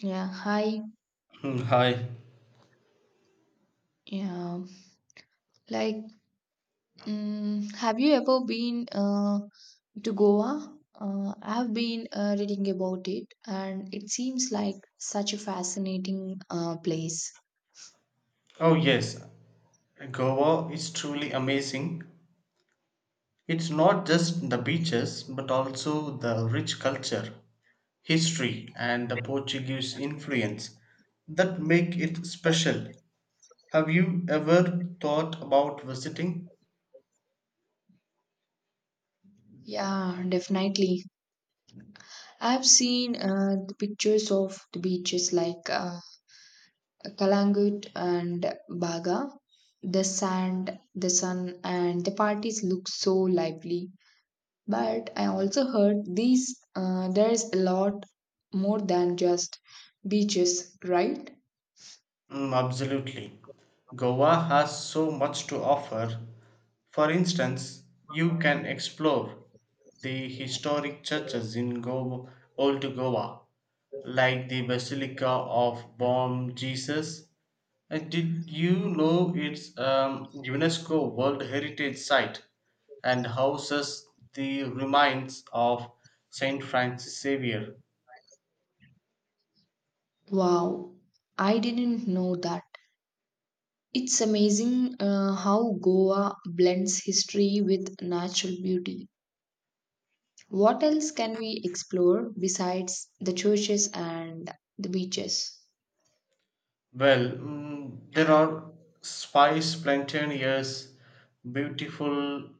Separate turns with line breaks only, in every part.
Yeah, hi.
Hi.
Yeah, like, mm, have you ever been to Goa? I've been reading about it, and it seems like such a fascinating place.
Oh, yes. Goa is truly amazing. It's not just the beaches, but also the rich culture, history, and the Portuguese influence that make it special. Have you ever thought about visiting?
Yeah, definitely. I've seen the pictures of the beaches like Kalangut and Baga. The sand, the sun, and the parties look so lively. But I also heard these there is a lot more than just beaches, right?
Absolutely. Goa has so much to offer. For instance, you can explore the historic churches in Goa, Old Goa, like the Basilica of Bom Jesus. Did you know it's UNESCO World Heritage Site and houses the remains of Saint Francis Xavier?
Wow, I didn't know that. It's amazing how Goa blends history with natural beauty. What else can we explore besides the churches and the beaches?
Well, there are spice plantain, yes, beautiful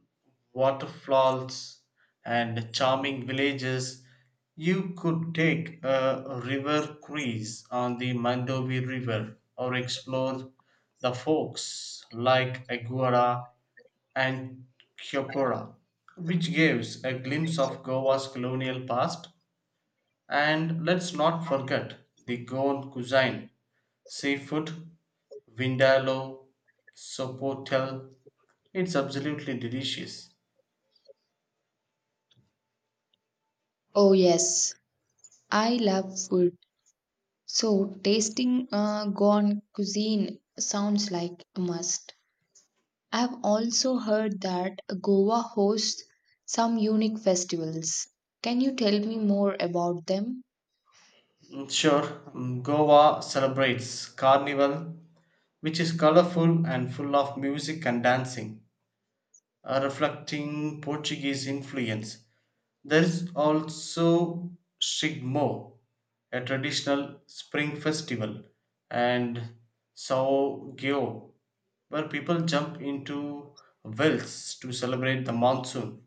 waterfalls, and charming villages. You could take a river cruise on the Mandovi River or explore the forks like Aguara and Kyopora, which gives a glimpse of Goa's colonial past. And let's not forget the Goan cuisine: Seafood, Vindaloo, Sopotel. It's absolutely delicious.
Oh, yes, I love food. So, tasting Goan cuisine sounds like a must. I've also heard that Goa hosts some unique festivals. Can you tell me more about them?
Sure. Goa celebrates Carnival, which is colorful and full of music and dancing, reflecting Portuguese influence. There is also Shigmo, a traditional spring festival, and Saogyo, where people jump into wells to celebrate the monsoon.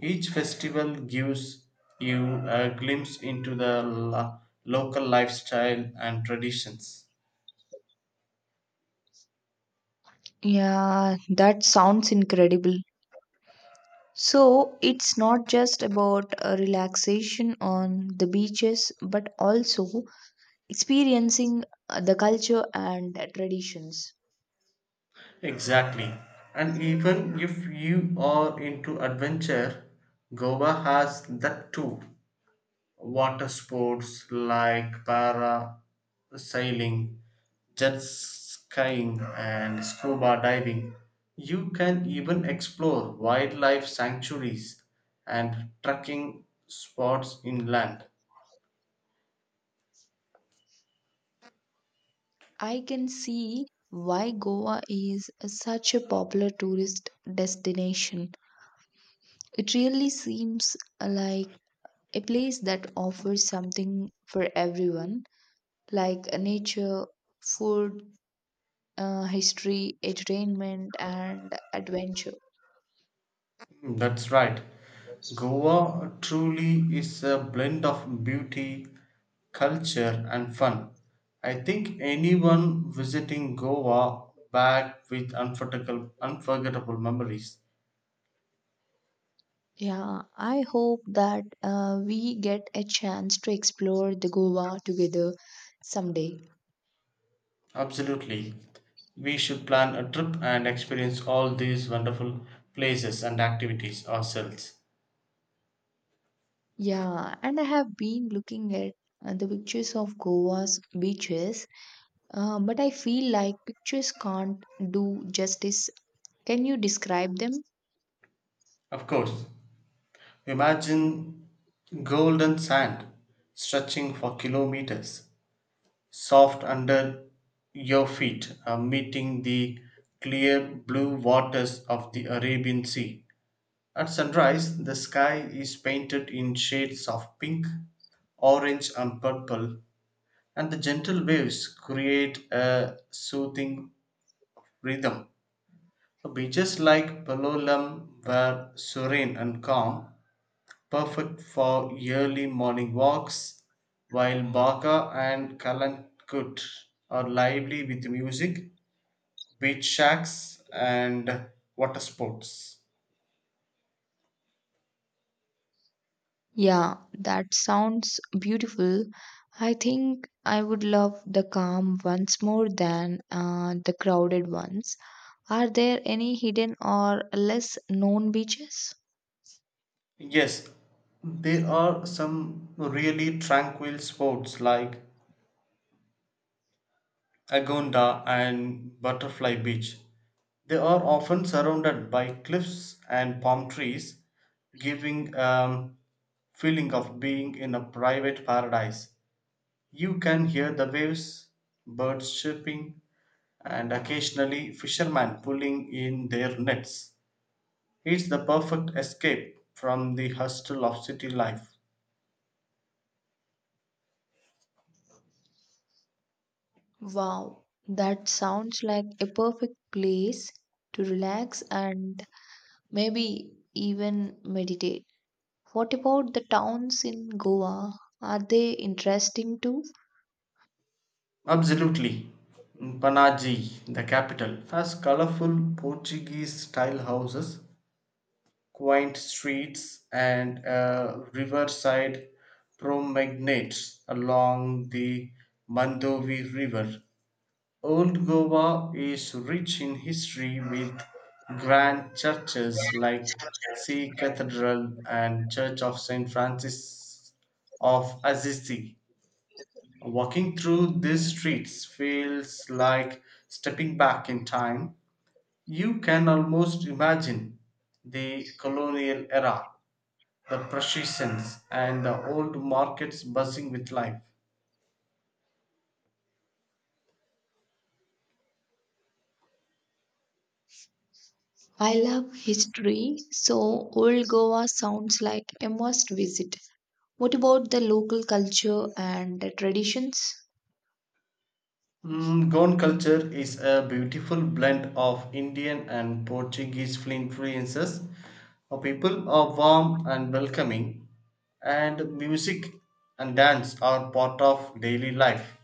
Each festival gives you a glimpse into the local lifestyle and traditions.
Yeah, that sounds incredible. So it's not just about a relaxation on the beaches, but also experiencing the culture and traditions.
Exactly. And even if you are into adventure, Goa has that too. Water sports like para sailing, jet skiing, and scuba diving. You can even explore wildlife sanctuaries and trekking spots inland.
I can see why Goa is such a popular tourist destination. It really seems like a place that offers something for everyone, like nature, food, history, entertainment, and adventure.
That's right. Goa truly is a blend of beauty, culture, and fun. I think anyone visiting Goa back with unforgettable memories.
Yeah, I hope that we get a chance to explore the Goa together someday.
Absolutely. We should plan a trip and experience all these wonderful places and activities ourselves.
Yeah, and I have been looking at the pictures of Goa's beaches, but I feel like pictures can't do justice. Can you describe them?
Of course, imagine golden sand stretching for kilometers, soft under your feet, meeting the clear blue waters of the Arabian Sea. At sunrise, the sky is painted in shades of pink, orange, and purple, and the gentle waves create a soothing rhythm. Beaches like Palolem were serene and calm, perfect for early morning walks, while Baka and Kalankut are lively with music, beach shacks, and water sports.
Yeah, that sounds beautiful. I think I would love the calm ones more than the crowded ones. Are there any hidden or less known beaches?
Yes, there are some really tranquil sports like Agonda and Butterfly Beach. They are often surrounded by cliffs and palm trees, giving a feeling of being in a private paradise. You can hear the waves, birds chirping, and occasionally fishermen pulling in their nets. It's the perfect escape from the hustle of city life.
Wow, that sounds like a perfect place to relax and maybe even meditate. What about the towns in Goa? Are they interesting too?
Absolutely. Panaji, the capital, has colorful Portuguese style houses, quaint streets, and riverside promenades along the Mandovi River. Old Goa is rich in history, with grand churches like Sea Cathedral and Church of St. Francis of Assisi. Walking through these streets feels like stepping back in time. You can almost imagine the colonial era, the processions, and the old markets buzzing with life.
I love history, so old Goa sounds like a must visit. What about the local culture and the traditions?
Goan culture is a beautiful blend of Indian and Portuguese influences. Our people are warm and welcoming, and music and dance are part of daily life.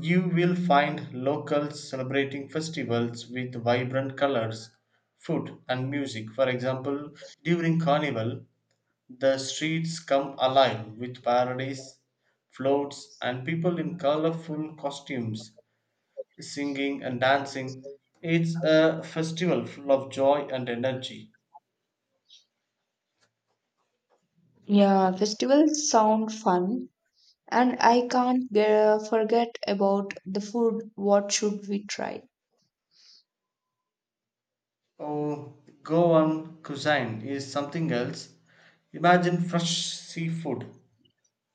You will find locals celebrating festivals with vibrant colors, food, and music. For example, during Carnival, the streets come alive with parades, floats, and people in colorful costumes, singing and dancing. It's a festival full of joy and energy.
Yeah, festivals sound fun, and I can't forget about the food. What should we try?
Oh, Goan cuisine is something else. Imagine fresh seafood,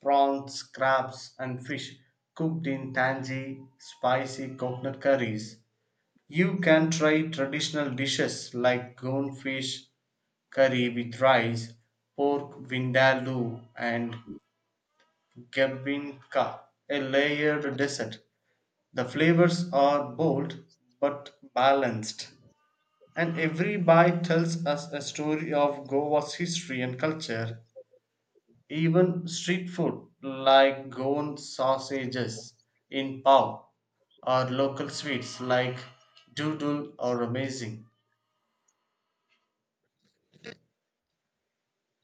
prawns, crabs, and fish cooked in tangy, spicy coconut curries. You can try traditional dishes like goldfish curry with rice, pork vindaloo, and Gebinka, a layered dessert. The flavors are bold but balanced, and every bite tells us a story of Goa's history and culture. Even street food like Goan sausages in Pau or local sweets like doodle are amazing.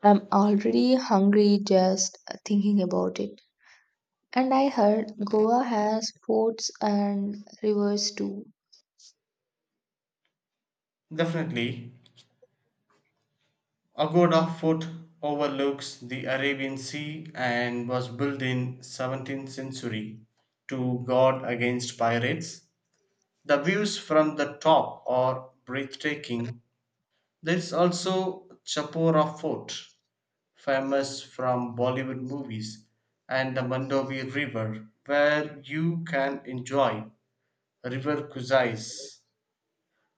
I'm already hungry just thinking about it. And I heard Goa has forts and rivers too.
Definitely. Agoda Fort overlooks the Arabian Sea and was built in 17th century to guard against pirates. The views from the top are breathtaking. There is also Chapora Fort, famous from Bollywood movies, and the Mandovi River, where you can enjoy river cruises.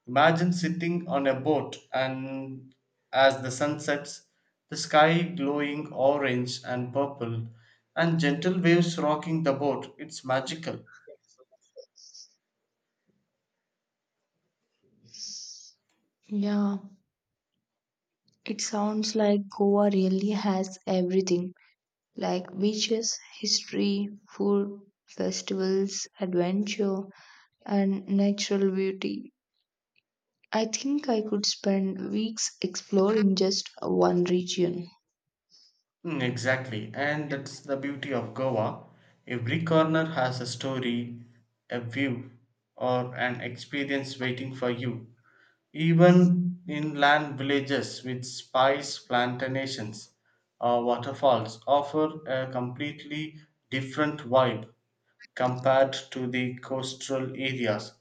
Imagine sitting on a boat, and as the sun sets, the sky glowing orange and purple, and gentle waves rocking the boat. It's magical.
Yeah, it sounds like Goa really has everything, like beaches, history, food, festivals, adventure, and natural beauty. I think I could spend weeks exploring just one region.
Exactly. And that's the beauty of Goa. Every corner has a story, a view, or an experience waiting for you. Even inland villages with spice plantations or waterfalls offer a completely different vibe compared to the coastal areas.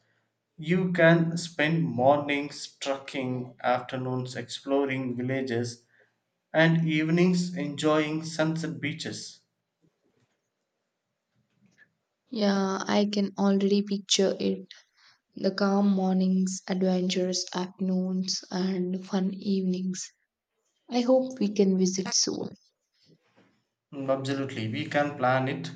You can spend mornings trekking, afternoons exploring villages, and evenings enjoying sunset beaches.
Yeah, I can already picture it. The calm mornings, adventurous afternoons, and fun evenings. I hope we can visit soon.
Absolutely, we can plan it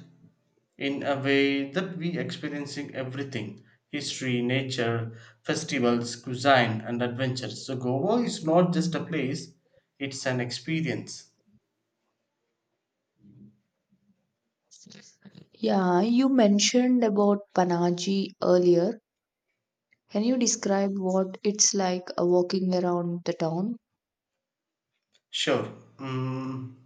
in a way that we experiencing everything: history, nature, festivals, cuisine, and adventures. So Goa is not just a place, it's an experience.
Yeah, you mentioned about Panaji earlier. Can you describe what it's like walking around the town?
Sure. mm,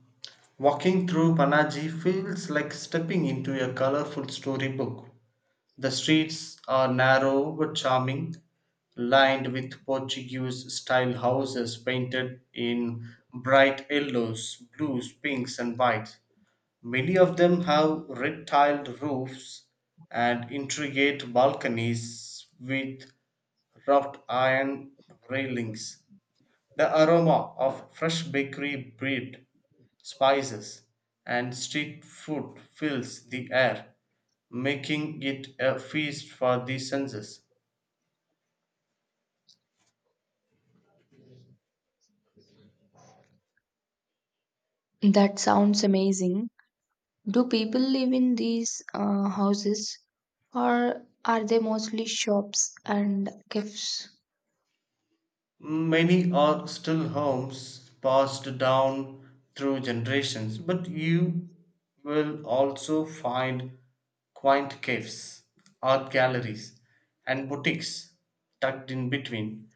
Walking through Panaji feels like stepping into a colorful storybook. The streets are narrow but charming, lined with Portuguese style houses painted in bright yellows, blues, pinks, and whites. Many of them have red tiled roofs and intricate balconies with wrought iron railings. The aroma of fresh bakery bread, spices, and street food fills the air, making it a feast for the senses.
That sounds amazing. Do people live in these houses or are they mostly shops and cafes?
Many are still homes passed down through generations, but you will also find quaint caves, art galleries, and boutiques tucked in between.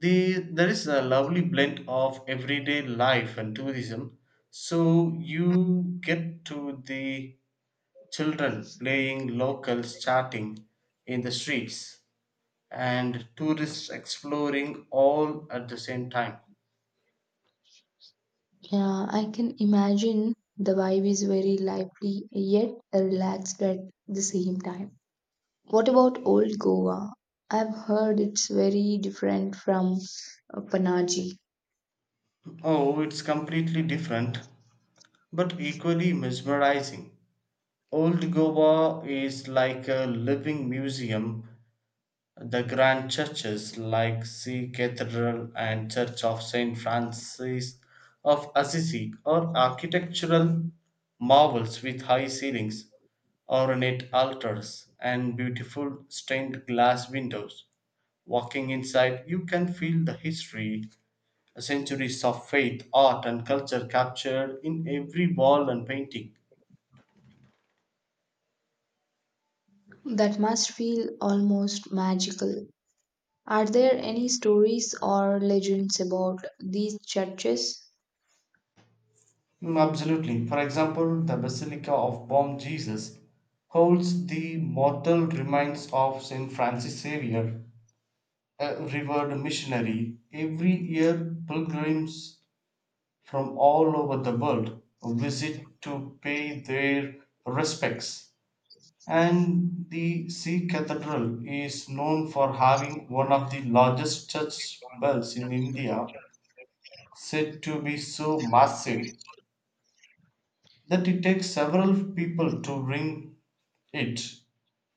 There is a lovely blend of everyday life and tourism, so you get to the children playing, locals chatting in the streets, and tourists exploring all at the same time.
Yeah, I can imagine the vibe is very lively yet relaxed at the same time. What about old Goa? I've heard it's very different from Panaji.
Oh, it's completely different, but equally mesmerizing. Old Goa is like a living museum. The grand churches like Sea Cathedral and Church of Saint Francis of Assisi are architectural marvels with high ceilings, ornate altars, and beautiful stained glass windows. Walking inside, you can feel the history, centuries of faith, art, and culture captured in every wall and painting.
That must feel almost magical. Are there any stories or legends about these churches?
Absolutely. For example, the Basilica of Bom Jesus holds the mortal remains of Saint Francis Xavier, a revered missionary. Every year, pilgrims from all over the world visit to pay their respects, and the Sea Cathedral is known for having one of the largest church bells in India, said to be so massive that it takes several people to ring it.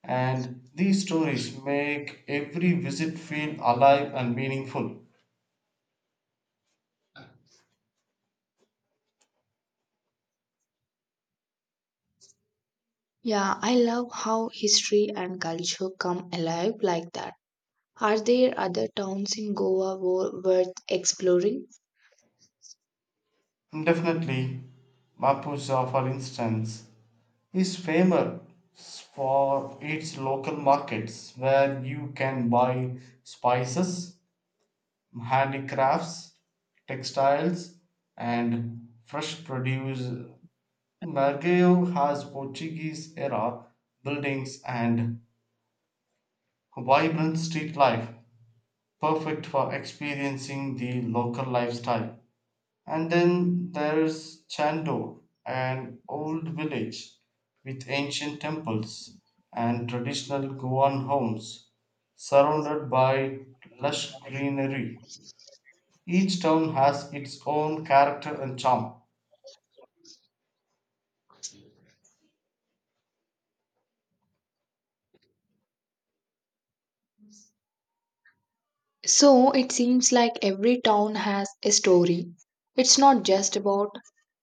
And these stories make every visit feel alive and meaningful.
Yeah, I love how history and culture come alive like that. Are there other towns in Goa worth exploring?
Definitely. Mapusa, for instance, is famous for its local markets, where you can buy spices, handicrafts, textiles, and fresh produce. Margao has Portuguese era buildings and vibrant street life, perfect for experiencing the local lifestyle. And then there's Chando, an old village with ancient temples and traditional Goan homes, surrounded by lush greenery. Each town has its own character and charm.
So it seems like every town has a story. It's not just about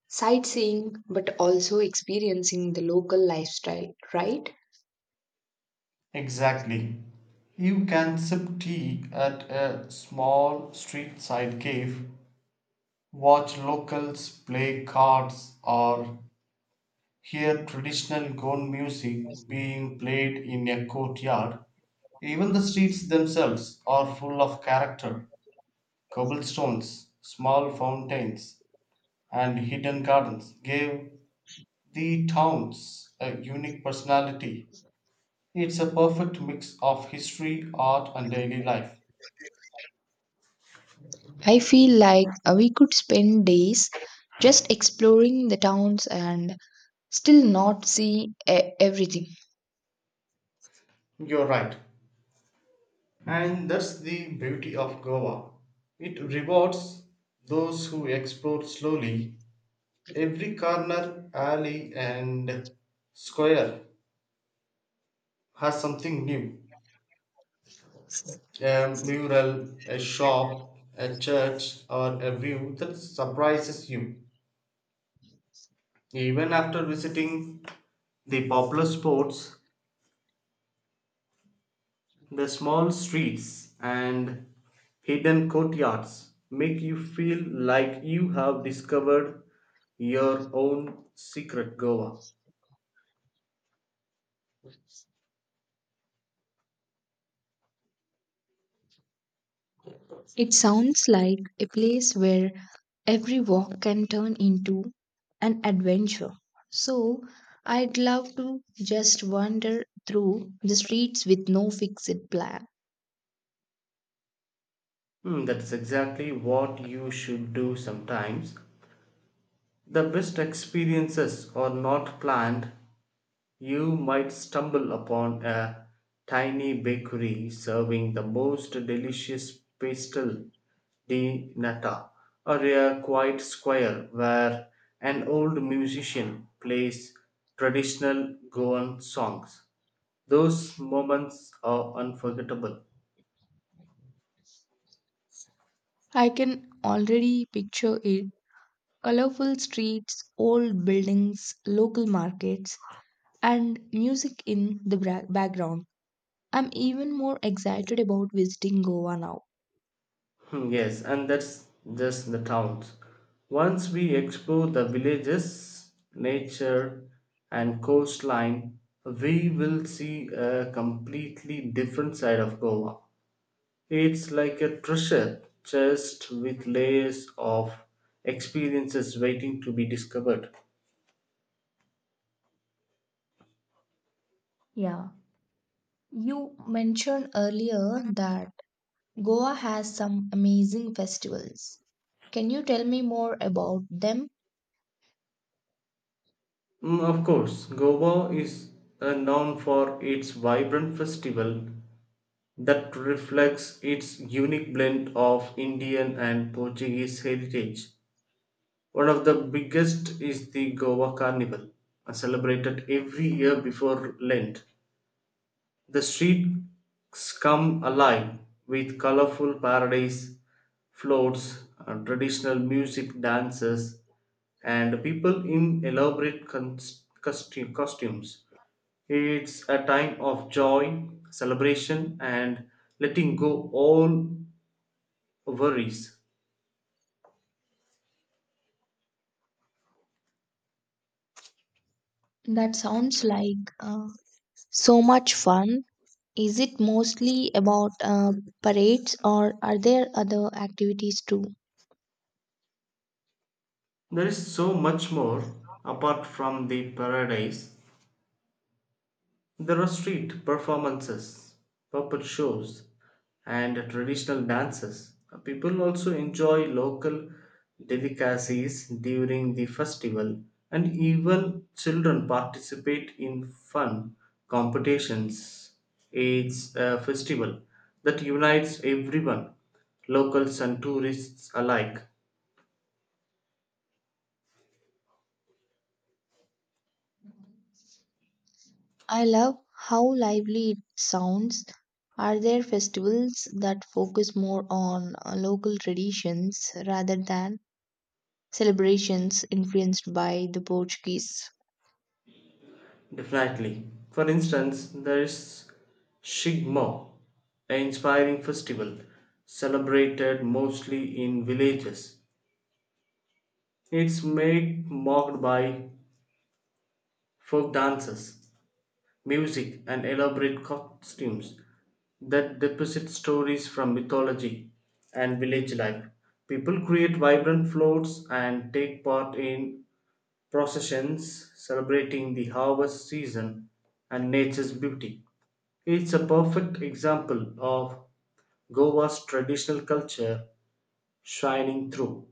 sightseeing but also experiencing the local lifestyle, right?
Exactly. You can sip tea at a small street side cave, watch locals play cards, or hear traditional gone music being played in a courtyard. Even the streets themselves are full of character. Cobblestones, small fountains, and hidden gardens gave the towns a unique personality. It's a perfect mix of history, art, and daily life.
I feel like we could spend days just exploring the towns and still not see everything.
You're right. And that's the beauty of Goa. It rewards those who explore slowly. Every corner, alley, and square has something new: a mural, a shop, a church, or a view that surprises you. Even after visiting the popular spots, the small streets and hidden courtyards make you feel like you have discovered your own secret Goa.
It sounds like a place where every walk can turn into an adventure. So I'd love to just wander through the streets with no fixed plan.
That's exactly what you should do sometimes. The best experiences are not planned. You might stumble upon a tiny bakery serving the most delicious pastel di nata, or a quiet square where an old musician plays traditional Goan songs. Those moments are unforgettable.
I can already picture it: colorful streets, old buildings, local markets, and music in the background. I'm even more excited about visiting Goa now.
Yes, and that's just the towns. Once we explore the villages, nature, and coastline, we will see a completely different side of Goa. It's like a treasure chest with layers of experiences waiting to be discovered.
Yeah, you mentioned earlier that Goa has some amazing festivals. Can you tell me more about them?
Of course, Goa is known for its vibrant festival that reflects its unique blend of Indian and Portuguese heritage. One of the biggest is the Goa Carnival, celebrated every year before Lent. The streets come alive with colorful paradise floats, traditional music, dances, and people in elaborate costumes. It's a time of joy, celebration, and letting go all worries.
That sounds like so much fun. Is it mostly about parades or are there other activities too?
There is so much more apart from the paradise. There are street performances, puppet shows, and traditional dances. People also enjoy local delicacies during the festival, and even children participate in fun competitions. It's a festival that unites everyone, locals and tourists alike.
I love how lively it sounds. Are there festivals that focus more on local traditions rather than celebrations influenced by the Portuguese?
Definitely. For instance, there is Shigmo, an inspiring festival celebrated mostly in villages. It's made marked by folk dances, music, and elaborate costumes that deposit stories from mythology and village life. People create vibrant floats and take part in processions celebrating the harvest season and nature's beauty. It's a perfect example of Goa's traditional culture shining through.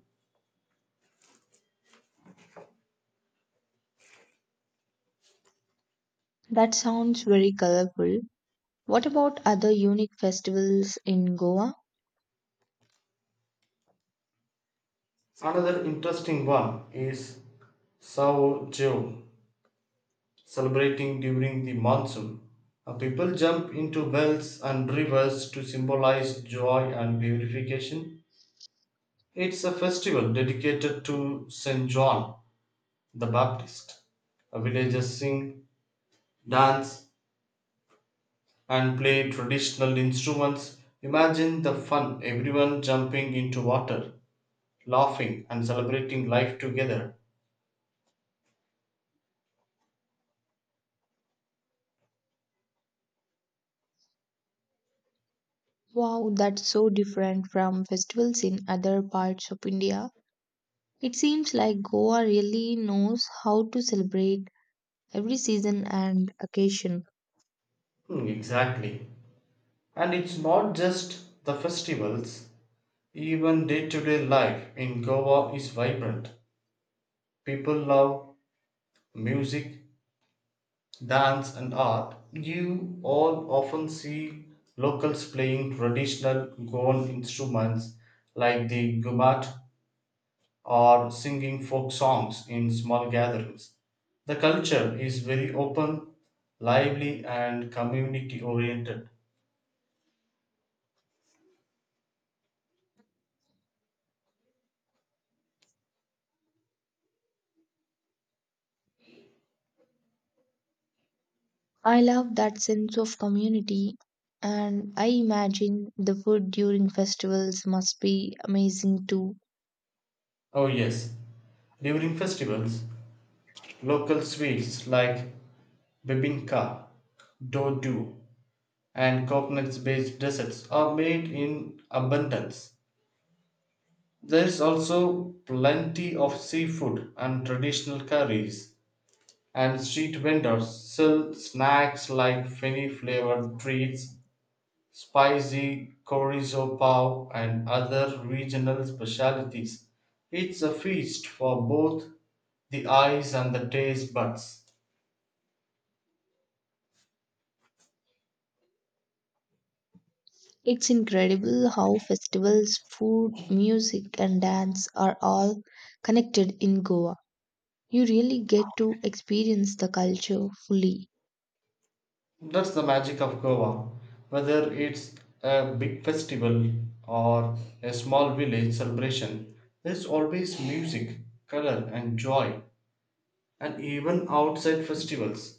That sounds very colorful. What about other unique festivals in Goa?
Another interesting one is Sao Joe, celebrating during the monsoon. People jump into wells and rivers to symbolize joy and purification. It's a festival dedicated to St. John the Baptist. Villagers sing, dance, and play traditional instruments. Imagine the fun, everyone jumping into water, laughing, and celebrating life together.
Wow, that's so different from festivals in other parts of India. It seems like Goa really knows how to celebrate every season and occasion.
Exactly. And it's not just the festivals, even day to day life in Goa is vibrant. People love music, dance, and art. You all often see locals playing traditional Goan instruments like the gumat or singing folk songs in small gatherings. The culture is very open, lively, and community oriented.
I love that sense of community, and I imagine the food during festivals must be amazing too.
Oh, yes, during festivals, local sweets like bibinka, dodu, and coconuts based desserts are made in abundance. There is also plenty of seafood and traditional curries, and street vendors sell snacks like feni flavored treats, spicy chorizo pav, and other regional specialties. It's a feast for both the eyes and the taste buds.
It's incredible how festivals, food, music, and dance are all connected in Goa. You really get to experience the culture fully.
That's the magic of Goa. Whether it's a big festival or a small village celebration, there's always music, color, and joy. And even outside festivals,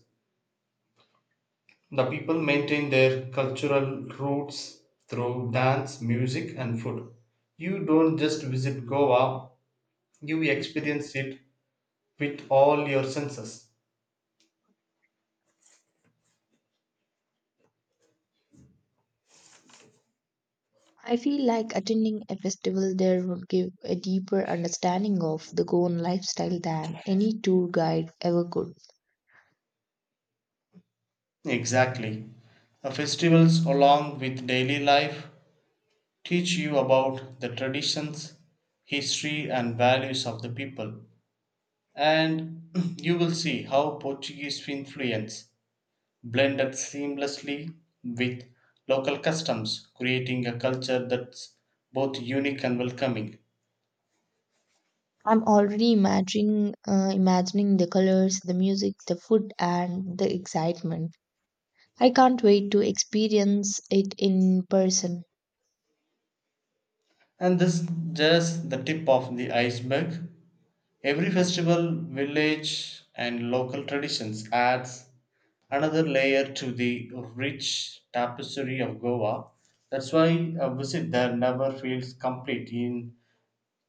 the people maintain their cultural roots through dance, music, and food. You don't just visit Goa, you experience it with all your senses.
I feel like attending a festival there would give a deeper understanding of the Goan lifestyle than any tour guide ever could.
Exactly. The festivals, along with daily life, teach you about the traditions, history, and values of the people. And you will see how Portuguese influence blended seamlessly with local customs, creating a culture that's both unique and welcoming.
I'm already imagining the colors, the music, the food, and the excitement. I can't wait to experience it in person.
And this just the tip of the iceberg. Every festival, village, and local traditions adds another layer to the rich tapestry of Goa. That's why a visit there never feels complete in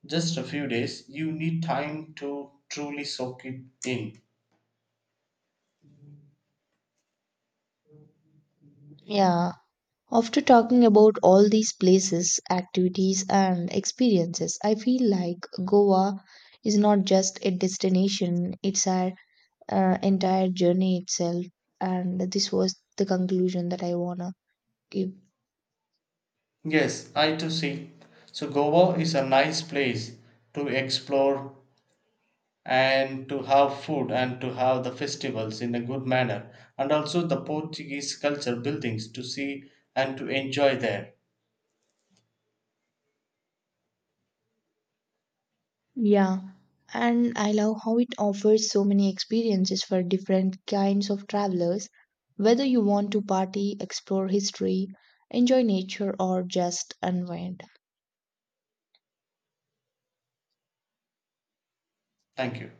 just a few days. You need time to truly soak it in.
Yeah, after talking about all these places, activities, and experiences, I feel like Goa is not just a destination, it's our entire journey itself. And this was the conclusion that I wanna give.
Yes, I too see. So Goa is a nice place to explore and to have food and to have the festivals in a good manner, and also the Portuguese culture buildings to see and to enjoy there.
Yeah. And I love how it offers so many experiences for different kinds of travelers. Whether you want to party, explore history, enjoy nature, or just unwind,
Thank you.